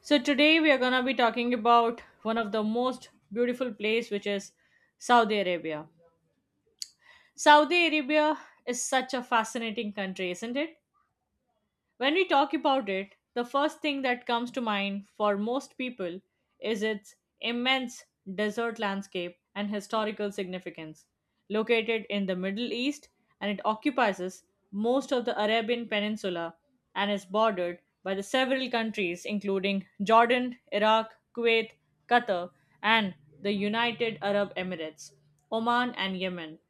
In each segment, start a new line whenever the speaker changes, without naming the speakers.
So today we are going to be talking about one of the most beautiful place which is Saudi Arabia. Saudi Arabia is such a fascinating country, isn't it? When we talk about it, the first thing that comes to mind for most people is its immense desert landscape and historical significance. Located in the Middle East, and it occupies most of the Arabian Peninsula and is bordered by the several countries including Jordan, Iraq, Kuwait, Qatar, and the United Arab Emirates, Oman, and Yemen.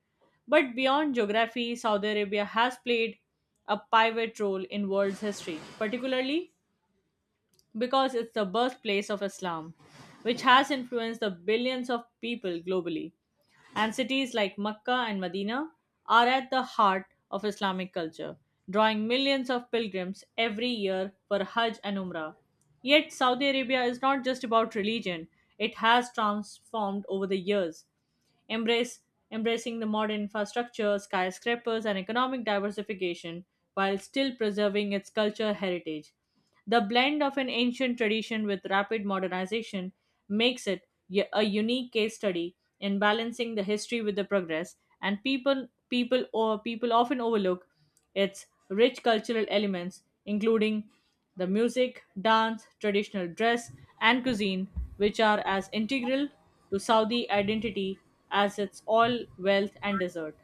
But beyond geography, Saudi Arabia has played a pivot role in world history, particularly because it's the birthplace of Islam, which has influenced the billions of people globally. And cities like Mecca and Medina are at the heart of Islamic culture, drawing millions of pilgrims every year for Hajj and Umrah. Yet, Saudi Arabia is not just about religion, it has transformed over the years embrace embracing the modern infrastructure, skyscrapers, and economic diversification while still preserving its cultural heritage. The blend of an ancient tradition with rapid modernization makes it a unique case study in balancing the history with the progress, and people often overlook its rich cultural elements, including the music, dance, traditional dress, and cuisine, which are as integral to Saudi identity as its oil, wealth, and desert.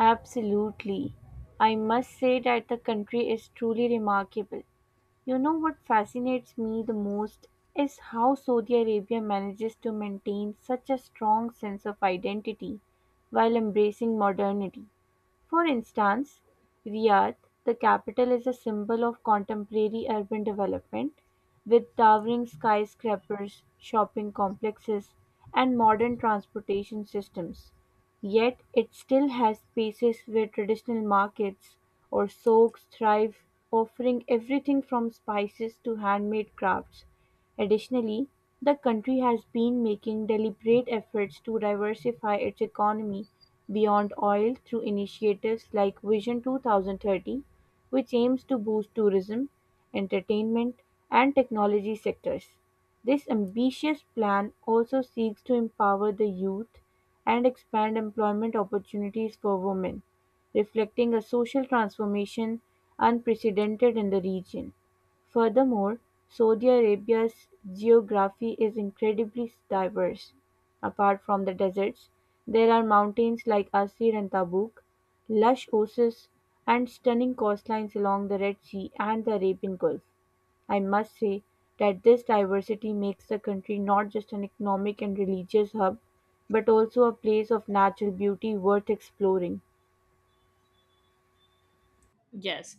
Absolutely. I must say that the country is truly remarkable. You know what fascinates me the most is how Saudi Arabia manages to maintain such a strong sense of identity while embracing modernity. For instance, Riyadh, the capital is a symbol of contemporary urban development, with towering skyscrapers, shopping complexes, and modern transportation systems. Yet it still has spaces where traditional markets or souks thrive, offering everything from spices to handmade crafts. Additionally, the country has been making deliberate efforts to diversify its economy beyond oil through initiatives like Vision 2030, which aims to boost tourism, entertainment, and technology sectors. This ambitious plan also seeks to empower the youth and expand employment opportunities for women, reflecting a social transformation unprecedented in the region. Furthermore, Saudi Arabia's geography is incredibly diverse. Apart from the deserts, there are mountains like Asir and Tabuk, lush oases, and stunning coastlines along the Red Sea and the Arabian Gulf. I must say that this diversity makes the country not just an economic and religious hub, but also a place of natural beauty worth exploring.
Yes,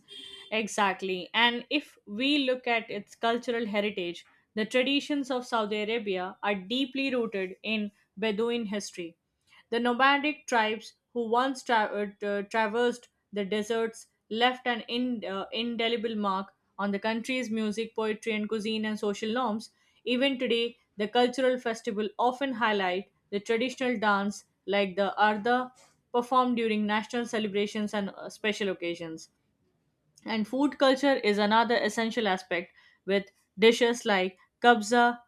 exactly. And if we look at its cultural heritage, the traditions of Saudi Arabia are deeply rooted in Bedouin history. The nomadic tribes who once traversed the deserts left an indelible mark on the country's music, poetry, and cuisine and social norms. Even today, the cultural festival often highlight the traditional dance like the Arda performed during national celebrations and special occasions. And food culture is another essential aspect with dishes like kabza,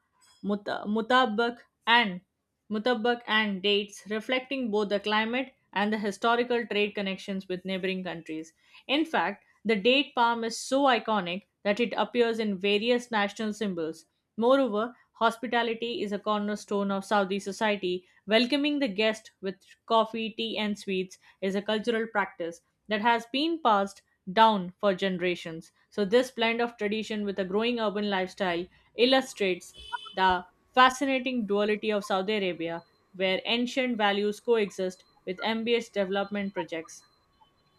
mutabak, and Mutabbak and dates reflecting both the climate and the historical trade connections with neighboring countries. In fact, the date palm is so iconic that it appears in various national symbols. Moreover, hospitality is a cornerstone of Saudi society. Welcoming the guest with coffee, tea, and sweets is a cultural practice that has been passed down for generations. So, this blend of tradition with a growing urban lifestyle illustrates the fascinating duality of Saudi Arabia, where ancient values coexist with ambitious development projects.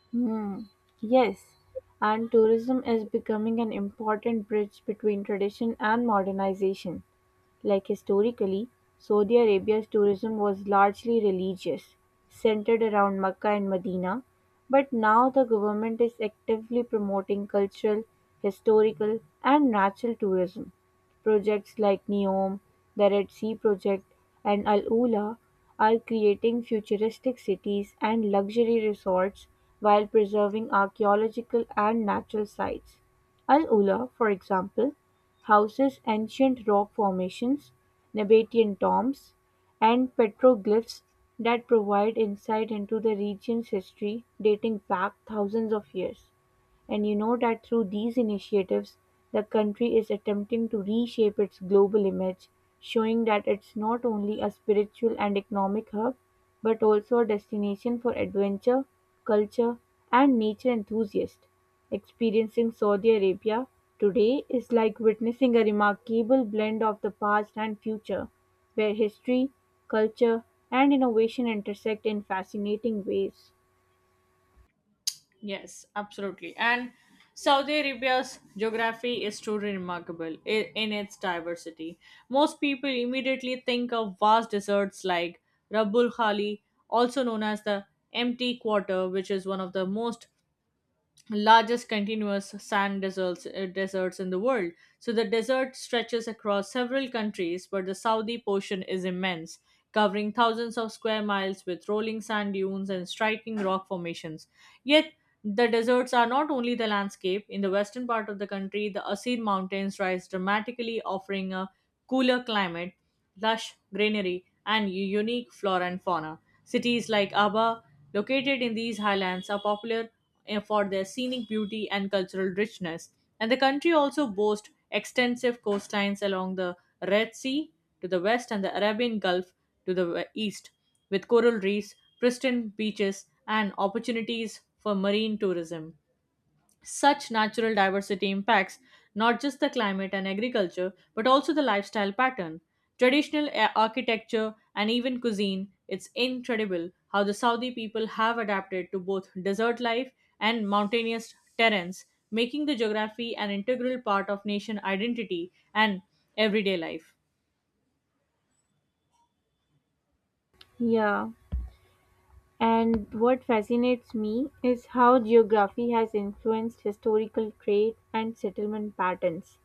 Hmm. Yes, and tourism is becoming an important bridge between tradition and modernization. Like historically, Saudi Arabia's tourism was largely religious, centered around Mecca and Medina, but now the government is actively promoting cultural, historical, and natural tourism. Projects like NEOM, the Red Sea Project, and Al Ula are creating futuristic cities and luxury resorts while preserving archaeological and natural sites. Al Ula, for example, houses ancient rock formations, Nabatean tombs, and petroglyphs that provide insight into the region's history dating back thousands of years. And you know that through these initiatives, the country is attempting to reshape its global image, showing that it's not only a spiritual and economic hub, but also a destination for adventure, culture, and nature enthusiasts. Experiencing Saudi Arabia today is like witnessing a remarkable blend of the past and future, where history, culture, and innovation intersect in fascinating ways.
Yes, absolutely. And Saudi Arabia's geography is truly remarkable in its diversity. Most people immediately think of vast deserts like Rabbul Khali, also known as the Empty Quarter, which is one of the most largest continuous sand deserts in the world. So the desert stretches across several countries, but the Saudi portion is immense, covering thousands of square miles with rolling sand dunes and striking rock formations. Yet the deserts are not only the landscape. In the western part of the country, the Asir Mountains rise dramatically, offering a cooler climate, lush greenery, and unique flora and fauna. Cities like Aba, located in these highlands, are popular for their scenic beauty and cultural richness. And the country also boasts extensive coastlines along the Red Sea to the west and the Arabian Gulf to the east, with coral reefs, pristine beaches, and opportunities for marine tourism. Such natural diversity impacts not just the climate and agriculture, but also the lifestyle pattern, traditional architecture, and even cuisine. It's incredible how the Saudi people have adapted to both desert life and mountainous terrains, making the geography an integral part of nation identity and everyday life.
Yeah. And what fascinates me is how geography has influenced historical trade and settlement patterns.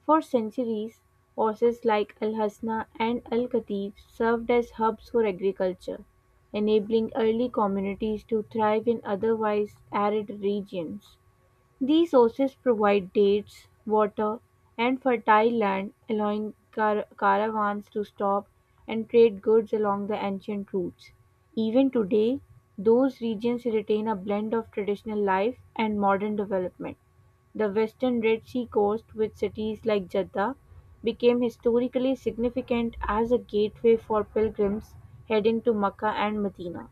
For centuries, oases like Al Hasna and Al Khatib served as hubs for agriculture, enabling early communities to thrive in otherwise arid regions. These sources provide dates, water, and fertile land, allowing caravans to stop and trade goods along the ancient routes. Even today, those regions retain a blend of traditional life and modern development. The western Red Sea coast, with cities like Jeddah, became historically significant as a gateway for pilgrims heading to Mecca and Medina.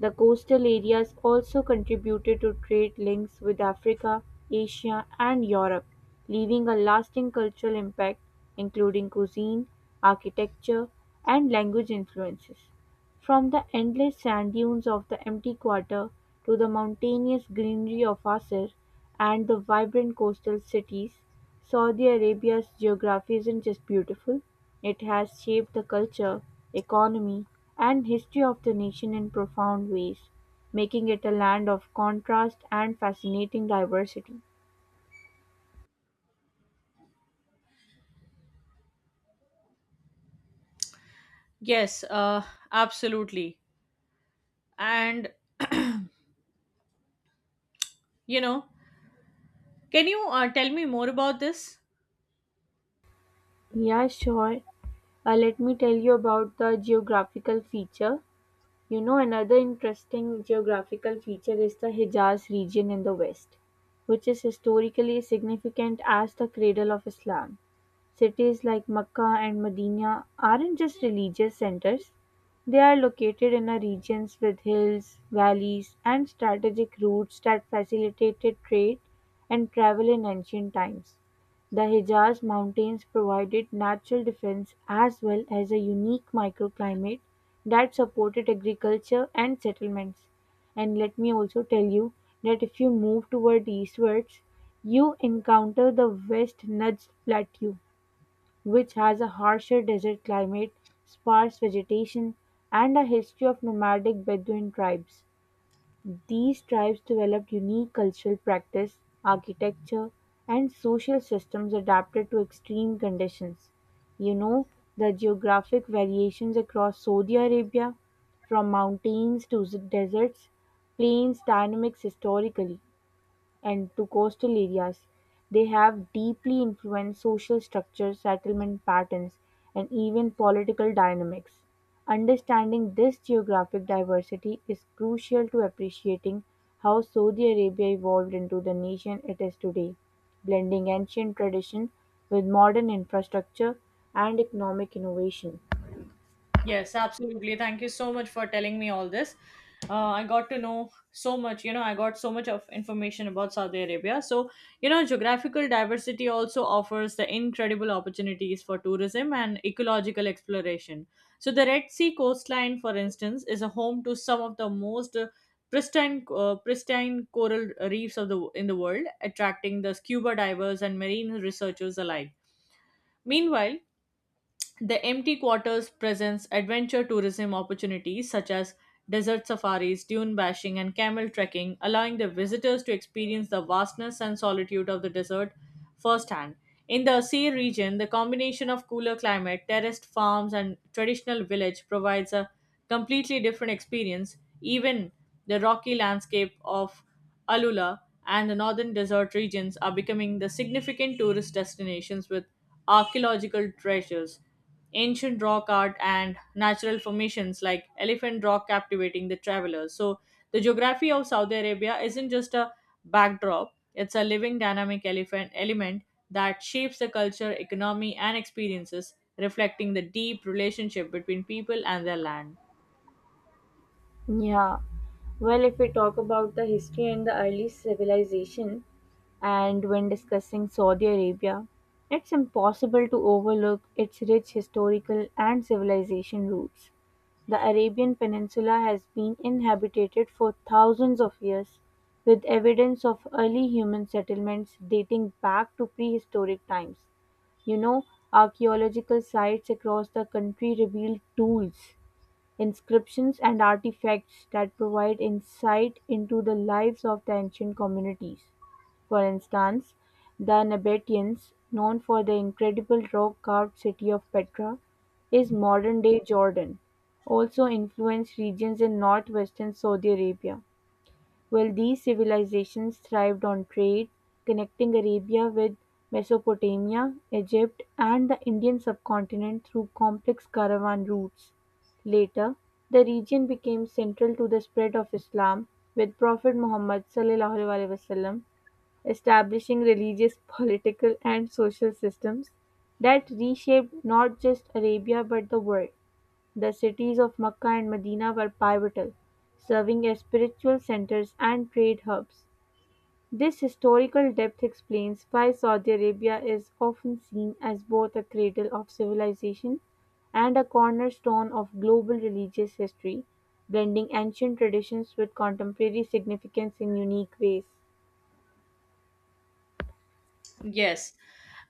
The coastal areas also contributed to trade links with Africa, Asia and Europe, leaving a lasting cultural impact including cuisine, architecture and language influences. From the endless sand dunes of the empty quarter to the mountainous greenery of Asir and the vibrant coastal cities, Saudi Arabia's geography isn't just beautiful, it has shaped the culture, economy, and history of the nation in profound ways, making it a land of contrast and fascinating diversity.
Yes, absolutely. And you know, can you tell me more about this?
Yeah, sure. Let me tell you about the geographical feature. You know, another interesting geographical feature is the Hijaz region in the west, which is historically significant as the cradle of Islam. Cities like Mecca and Medina aren't just religious centers, they are located in a regions with hills, valleys, and strategic routes that facilitated trade and travel in ancient times. The Hejaz Mountains provided natural defense as well as a unique microclimate that supported agriculture and settlements. And let me also tell you that if you move toward eastwards, you encounter the West Najd Plateau, which has a harsher desert climate, sparse vegetation, and a history of nomadic Bedouin tribes. These tribes developed unique cultural practice, architecture, and social systems adapted to extreme conditions. You know, the geographic variations across Saudi Arabia, from mountains to deserts, plains dynamics historically and to coastal areas. They have deeply influenced social structures, settlement patterns, and even political dynamics. Understanding this geographic diversity is crucial to appreciating how Saudi Arabia evolved into the nation it is today, blending ancient tradition with modern infrastructure and economic innovation.
Yes, absolutely. Thank you so much for telling me all this. I got to know so much, you know, I got so much of information about Saudi Arabia. So, you know, geographical diversity also offers the incredible opportunities for tourism and ecological exploration. So, the Red Sea coastline, for instance, is a home to some of the most pristine coral reefs of the in the world, attracting the scuba divers and marine researchers alike. Meanwhile, the empty quarters presents adventure tourism opportunities such as desert safaris, dune bashing, and camel trekking, allowing the visitors to experience the vastness and solitude of the desert firsthand. In the sea region, the combination of cooler climate, terraced farms, and traditional village provides a completely different experience. Even the rocky landscape of Alula and the northern desert regions are becoming the significant tourist destinations with archaeological treasures ancient rock art and natural formations like Elephant Rock captivating the travelers. So, the geography of Saudi Arabia isn't just a backdrop, it's a living dynamic elephant element that shapes the culture, economy, and experiences, reflecting the deep relationship between people and their land.
Yeah. Well, if we talk about the history and the early civilization, and when discussing Saudi Arabia, it's impossible to overlook its rich historical and civilization roots. The Arabian Peninsula has been inhabited for thousands of years, with evidence of early human settlements dating back to prehistoric times. You know, archaeological sites across the country reveal tools, inscriptions and artifacts that provide insight into the lives of the ancient communities. For instance, the Nabateans, known for their incredible rock-carved city of Petra, is modern-day Jordan, also influenced regions in northwestern Saudi Arabia. While these civilizations thrived on trade, connecting Arabia with Mesopotamia, Egypt, and the Indian subcontinent through complex caravan routes. Later, the region became central to the spread of Islam, with Prophet Muhammad (s.a.w) establishing religious, political, and social systems that reshaped not just Arabia but the world. The cities of Mecca and Medina were pivotal, serving as spiritual centers and trade hubs. This historical depth explains why Saudi Arabia is often seen as both a cradle of civilization and a cornerstone of global religious history, blending ancient traditions with contemporary significance in unique ways.
Yes,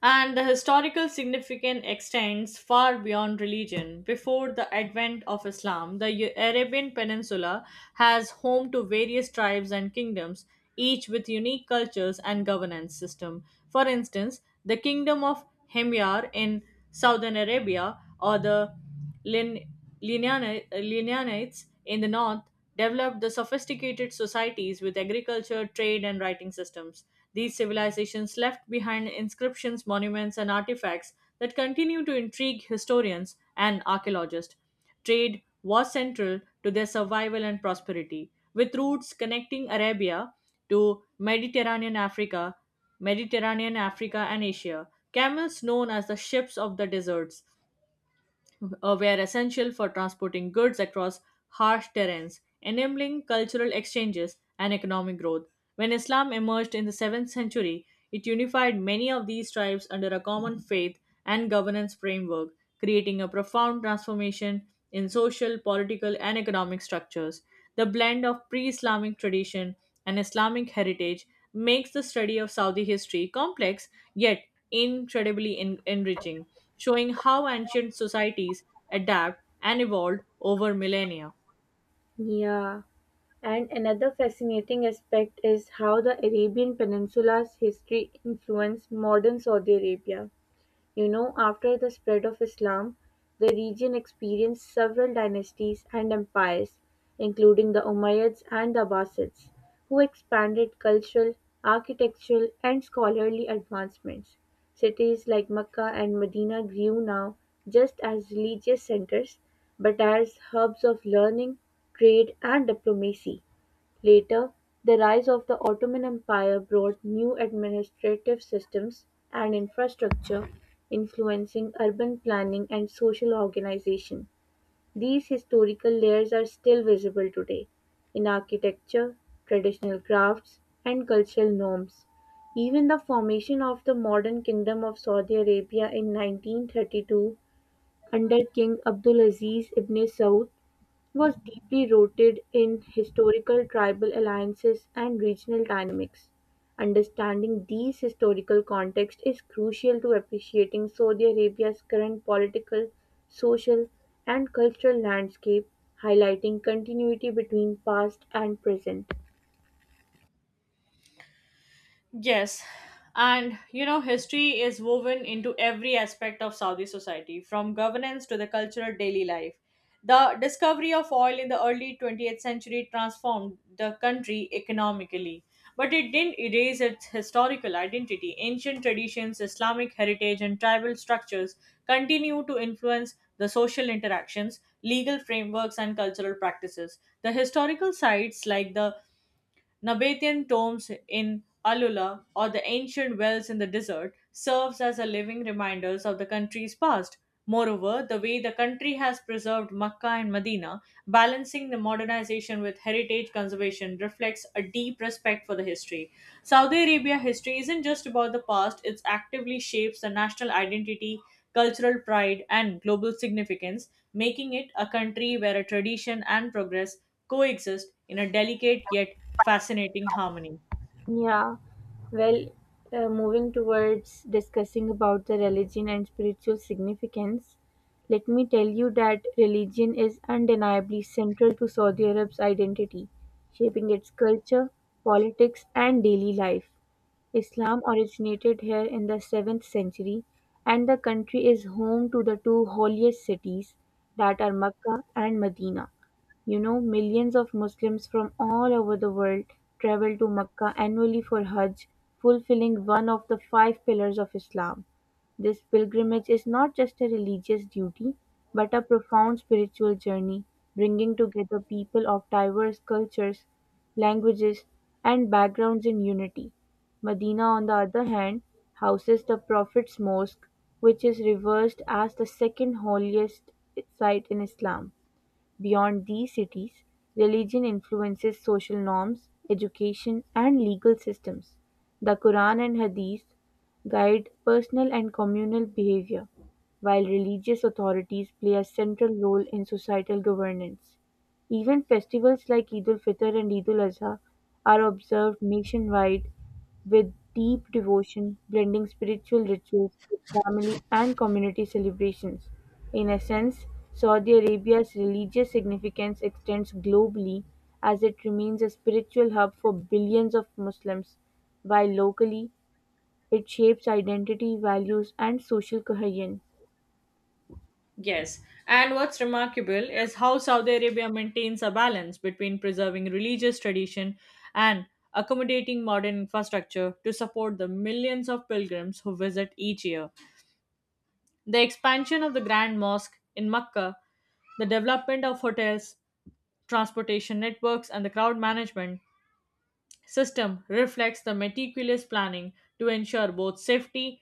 and the historical significance extends far beyond religion. Before the advent of Islam, the Arabian Peninsula has home to various tribes and kingdoms, each with unique cultures and governance system. For instance, the kingdom of Himyar in southern Arabia or the Lin- Lineanites in the north developed the sophisticated societies with agriculture, trade, and writing systems. These civilizations left behind inscriptions, monuments, and artifacts that continue to intrigue historians and archaeologists. Trade was central to their survival and prosperity, with routes connecting Arabia to Mediterranean Africa and Asia. Camels known as the ships of the deserts were essential for transporting goods across harsh terrains, enabling cultural exchanges and economic growth. When Islam emerged in the 7th century, it unified many of these tribes under a common faith and governance framework, creating a profound transformation in social, political, and economic structures. The blend of pre Islamic tradition and Islamic heritage makes the study of Saudi history complex yet incredibly enriching showing how ancient societies adapt and evolved over millennia.
Yeah, and another fascinating aspect is how the Arabian Peninsula's history influenced modern Saudi Arabia. You know, after the spread of Islam, the region experienced several dynasties and empires, including the Umayyads and the Abbasids, who expanded cultural, architectural, and scholarly advancements. Cities like Mecca and Medina grew now just as religious centers, but as hubs of learning, trade, and diplomacy. Later, the rise of the Ottoman Empire brought new administrative systems and infrastructure, influencing urban planning and social organization. These historical layers are still visible today in architecture, traditional crafts, and cultural norms. Even the formation of the modern Kingdom of Saudi Arabia in 1932 under King Abdulaziz ibn Saud was deeply rooted in historical tribal alliances and regional dynamics. Understanding these historical contexts is crucial to appreciating Saudi Arabia's current political, social, and cultural landscape, highlighting continuity between past and present.
Yes, and you know, history is woven into every aspect of Saudi society, from governance to the cultural daily life. The discovery of oil in the early 20th century transformed the country economically, but it didn't erase its historical identity. Ancient traditions, Islamic heritage, and tribal structures continue to influence the social interactions, legal frameworks, and cultural practices. The historical sites like the Nabatean tombs in Alula or the ancient wells in the desert serves as a living reminders of the country's past. Moreover, the way the country has preserved Makkah and Medina, balancing the modernization with heritage conservation, reflects a deep respect for the history Saudi Arabia history isn't just about the past, it actively shapes the national identity, cultural pride, and global significance, making it a country where a tradition and progress coexist in a delicate yet fascinating harmony.
Yeah, well, moving towards discussing about the religion and spiritual significance, let me tell you that religion is undeniably central to Saudi Arab's identity, shaping its culture, politics, and daily life. Islam originated here in the seventh century, and the country is home to the two holiest cities that are Mecca and Medina. You know, millions of Muslims from all over the world travel to Mecca annually for Hajj, fulfilling one of the five pillars of Islam. This pilgrimage is not just a religious duty, but a profound spiritual journey, bringing together people of diverse cultures, languages, and backgrounds in unity. Medina on the other hand houses the Prophet's Mosque which is revered as the second holiest site in Islam. Beyond these cities, religion influences social norms, education and legal systems. The Quran and Hadith guide personal and communal behavior, while religious authorities play a central role in societal governance. Even festivals like Eid ul Fitr and Eid ul Adha are observed nationwide with deep devotion, blending spiritual rituals with family and community celebrations. In essence, Saudi Arabia's religious significance extends globally as it remains a spiritual hub for billions of Muslims, while locally, it shapes identity, values, and social cohesion.
Yes, and what's remarkable is how Saudi Arabia maintains a balance between preserving religious tradition and accommodating modern infrastructure to support the millions of pilgrims who visit each year. The expansion of the Grand Mosque in Mecca, the development of hotels, transportation networks, and the crowd management system reflects the meticulous planning to ensure both safety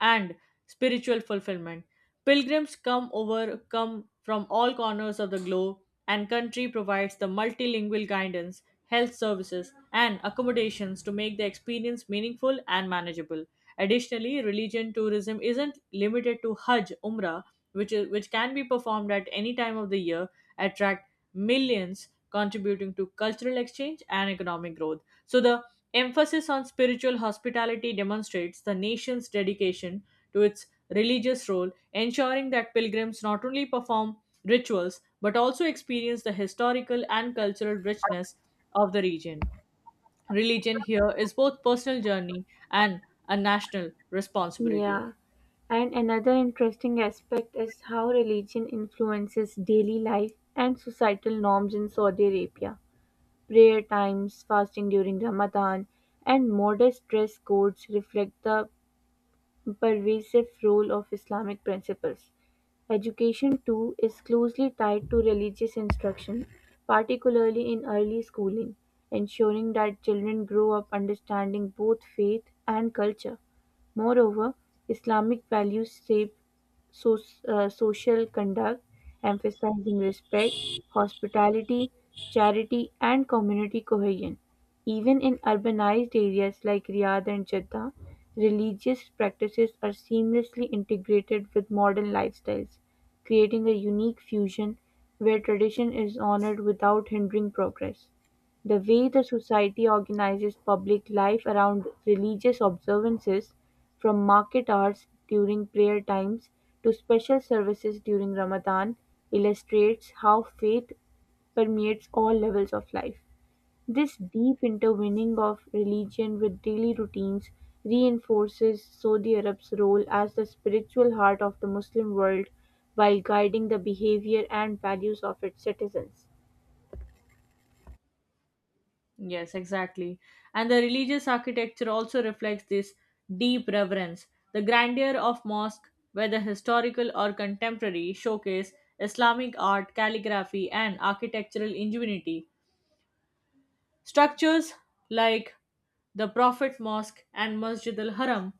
and spiritual fulfillment. Pilgrims come over come from all corners of the globe and country provides the multilingual guidance, health services and accommodations to make the experience meaningful and manageable. Additionally, religion tourism isn't limited to Hajj, Umrah, which can be performed at any time of the year, attract millions contributing to cultural exchange and economic growth. So the emphasis on spiritual hospitality demonstrates the nation's dedication to its religious role, ensuring that pilgrims not only perform rituals but also experience the historical and cultural richness of the region. Religion here is both personal journey and a national responsibility.
Yeah. And another interesting aspect is how religion influences daily life and societal norms in Saudi Arabia. Prayer times, fasting during Ramadan, and modest dress codes reflect the pervasive role of Islamic principles. Education too is closely tied to religious instruction, particularly in early schooling, ensuring that children grow up understanding both faith and culture. Moreover, Islamic values shape so, social conduct, emphasizing respect, hospitality, charity, and community cohesion. Even in urbanized areas like Riyadh and Jeddah, religious practices are seamlessly integrated with modern lifestyles, creating a unique fusion where tradition is honored without hindering progress. The way the society organizes public life around religious observances, from market hours during prayer times to special services during Ramadan, illustrates how faith permeates all levels of life. This deep intertwining of religion with daily routines reinforces Saudi Arab's role as the spiritual heart of the Muslim world while guiding the behavior and values of its citizens.
Yes, exactly. And the religious architecture also reflects this deep reverence. The grandeur of mosque, whether historical or contemporary, showcase Islamic art, calligraphy, and architectural ingenuity. Structures like the Prophet Mosque and Masjid al Haram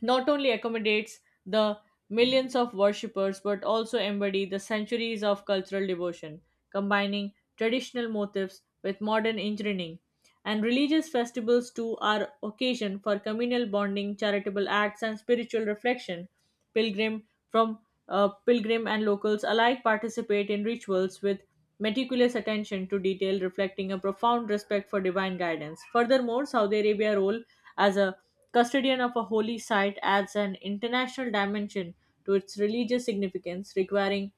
not only accommodates the millions of worshippers but also embody the centuries of cultural devotion, combining traditional motifs with modern engineering. And religious festivals too are occasion for communal bonding, charitable acts, and spiritual reflection. Pilgrim from pilgrim and locals alike participate in rituals with meticulous attention to detail, reflecting a profound respect for divine guidance. Furthermore, Saudi Arabia role as a Custodian of a holy site adds an international dimension to its religious significance, requiring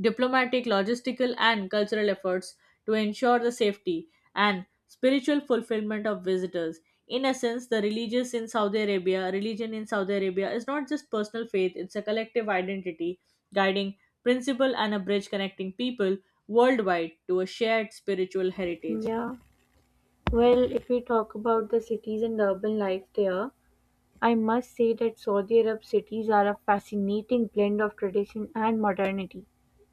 diplomatic, logistical, and cultural efforts to ensure the safety and spiritual fulfillment of visitors. In essence, the religious in Saudi Arabia, religion in Saudi Arabia is not just personal faith, it's a collective identity, guiding principle and a bridge connecting people worldwide to a shared spiritual heritage.
Yeah. Well, if we talk about the cities and urban life there, I must say that Saudi Arab cities are a fascinating blend of tradition and modernity,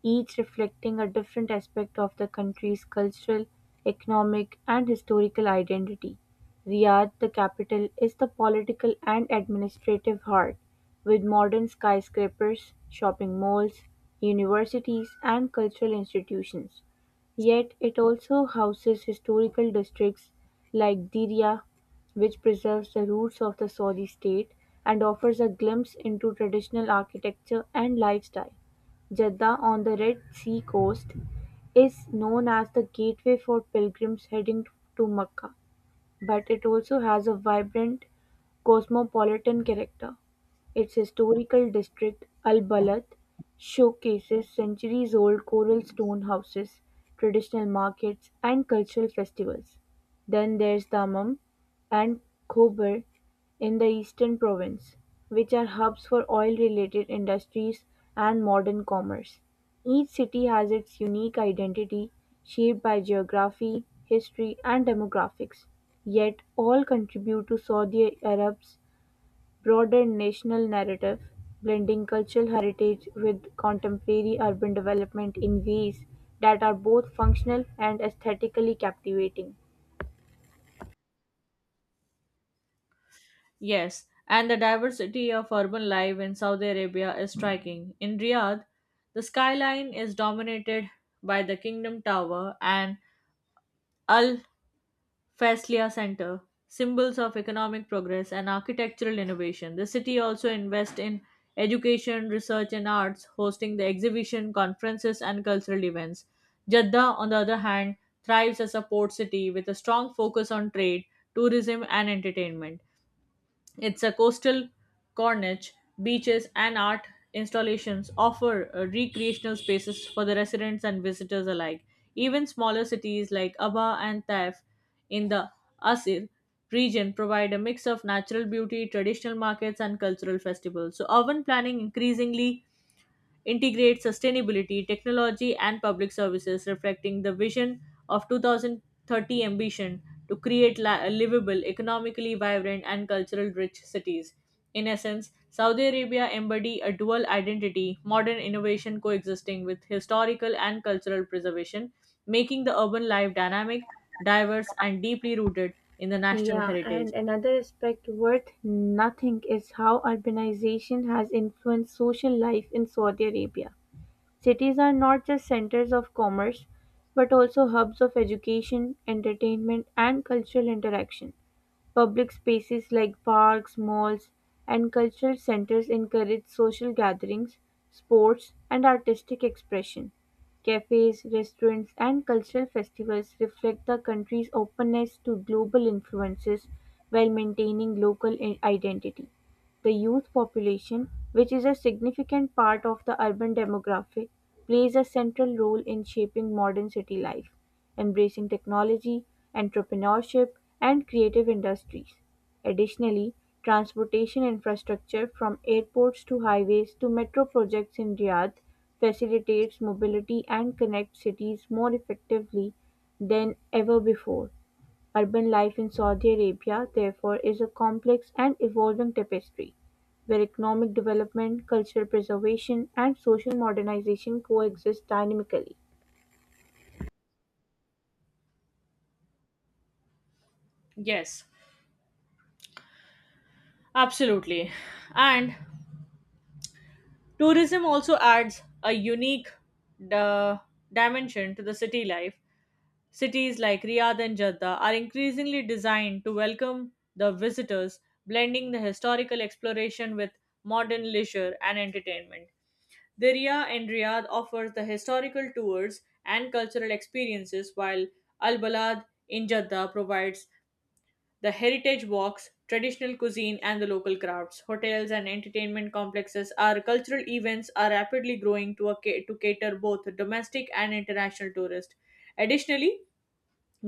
each reflecting a different aspect of the country's cultural, economic, and historical identity. Riyadh, the capital, is the political and administrative heart, with modern skyscrapers, shopping malls, universities, and cultural institutions. Yet it also houses historical districts like Diriyah, which preserves the roots of the Saudi state and offers a glimpse into traditional architecture and lifestyle. Jeddah on the Red Sea coast is known as the gateway for pilgrims heading to Mecca, but it also has a vibrant cosmopolitan character. Its historical district, Al Balat, showcases centuries-old coral stone houses, traditional markets, and cultural festivals. Then there's Dammam and Khobar in the eastern province, which are hubs for oil-related industries and modern commerce. Each city has its unique identity, shaped by geography, history, and demographics. Yet all contribute to Saudi Arab's broader national narrative, blending cultural heritage with contemporary urban development in ways that are both functional and aesthetically captivating.
Yes, and the diversity of urban life in Saudi Arabia is striking. In Riyadh, the skyline is dominated by the Kingdom Tower and Al Faisaliah Center, symbols of economic progress and architectural innovation. The city also invests in education, research, and arts, hosting the exhibition, conferences, and cultural events. Jeddah, on the other hand, thrives as a port city with a strong focus on trade, tourism, and entertainment. It's a coastal Corniche, beaches, and art installations offer recreational spaces for the residents and visitors alike. Even smaller cities like Aba and Taif in the Asir region provide a mix of natural beauty, traditional markets, and cultural festivals. So, urban planning increasingly integrate sustainability, technology, and public services, reflecting the vision of 2030 ambition to create livable, economically vibrant, and cultural rich cities. In essence, Saudi Arabia embody a dual identity, modern innovation coexisting with historical and cultural preservation, making the urban life dynamic, diverse, and deeply rooted in the national
Yeah, and
heritage.
another aspect worth nothing is how urbanization has influenced social life in Saudi Arabia. Cities are not just centers of commerce, but also hubs of education, entertainment, and cultural interaction. Public spaces like parks, malls, and cultural centers encourage social gatherings, sports, and artistic expression. Cafes, restaurants, and cultural festivals reflect the country's openness to global influences while maintaining local identity. The youth population, which is a significant part of the urban demographic, plays a central role in shaping modern city life, embracing technology, entrepreneurship, and creative industries. Additionally, transportation infrastructure from airports to highways to metro projects in Riyadh facilitates mobility and connects cities more effectively than ever before. Urban life in Saudi Arabia, therefore, is a complex and evolving tapestry, where economic development, cultural preservation, and social modernization coexist dynamically.
Yes, absolutely. And Tourism also adds a unique di- dimension to the city life. Cities like Riyadh and Jeddah are increasingly designed to welcome the visitors, blending the historical exploration with modern leisure and entertainment. Diriyah and Riyadh offers the historical tours and cultural experiences, while Al Balad in Jeddah provides the heritage walks, traditional cuisine, and the local crafts. Hotels and entertainment complexes are cultural events are rapidly growing to cater both domestic and international tourists. Additionally,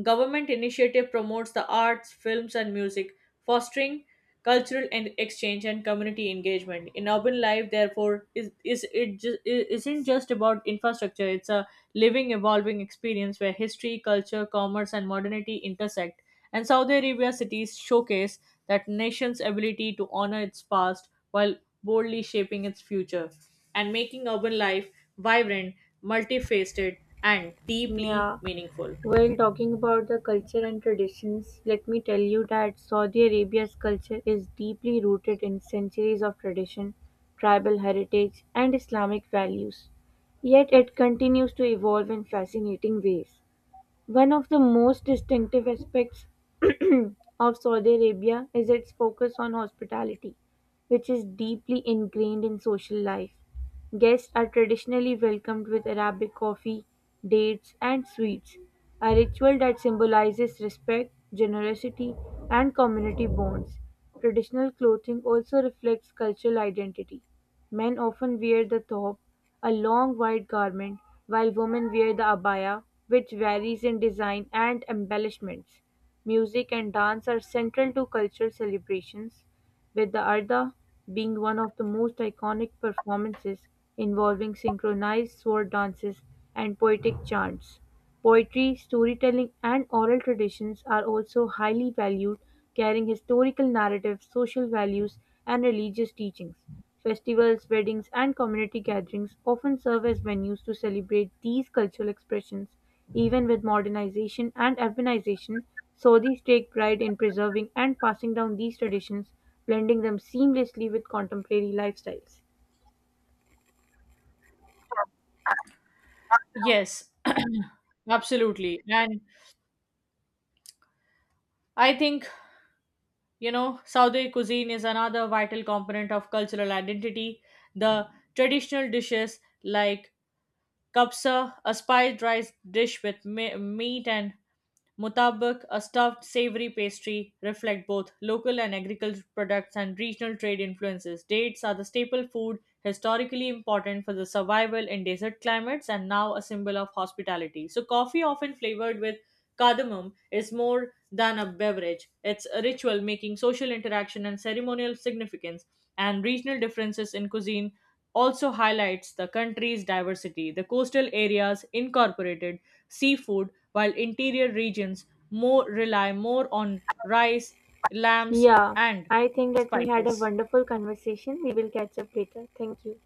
Government initiative promotes the arts, films, and music, fostering cultural and exchange and community engagement. In urban life, therefore, isn't just about infrastructure. It's a living, evolving experience where history, culture, commerce, and modernity intersect. And Saudi Arabia cities showcase that nation's ability to honor its past while boldly shaping its future and making urban life vibrant, multifaceted, and deeply
Yeah,
meaningful.
while talking about the culture and traditions, let me tell you that Saudi Arabia's culture is deeply rooted in centuries of tradition, tribal heritage, and Islamic values. Yet it continues to evolve in fascinating ways. One of the most distinctive aspects of Saudi Arabia is its focus on hospitality, which is deeply ingrained in social life. Guests are traditionally welcomed with Arabic coffee, dates, and sweets, a ritual that symbolizes respect, generosity, and community bonds. Traditional clothing also reflects cultural identity. Men often wear the thobe, a long white garment, while women wear the abaya, which varies in design and embellishments. Music and dance are central to cultural celebrations, with the Arda being one of the most iconic performances involving synchronized sword dances and poetic chants. Poetry, storytelling, and oral traditions are also highly valued, carrying historical narratives, social values, and religious teachings. Festivals, weddings and community gatherings often serve as venues to celebrate these cultural expressions. Even with modernization and urbanization, Saudis take pride in preserving and passing down these traditions, blending them seamlessly with contemporary lifestyles.
Yes, absolutely. And I think, you know, Saudi cuisine is another vital component of cultural identity. The traditional dishes like Kapsa, a spiced rice dish with meat and mutabak, a stuffed savory pastry, reflect both local and agricultural products and regional trade influences. Dates are the staple food, historically important for the survival in desert climates and now a symbol of hospitality. So, coffee, often flavored with cardamom, is more than a beverage. It's a ritual making social interaction and ceremonial significance, and regional differences in cuisine also highlights the country's diversity. The coastal areas incorporated seafood, while interior regions more rely more on rice, lambs,
Yeah,
and
I think that we had a
spices.
wonderful conversation. We will catch up later. Thank you.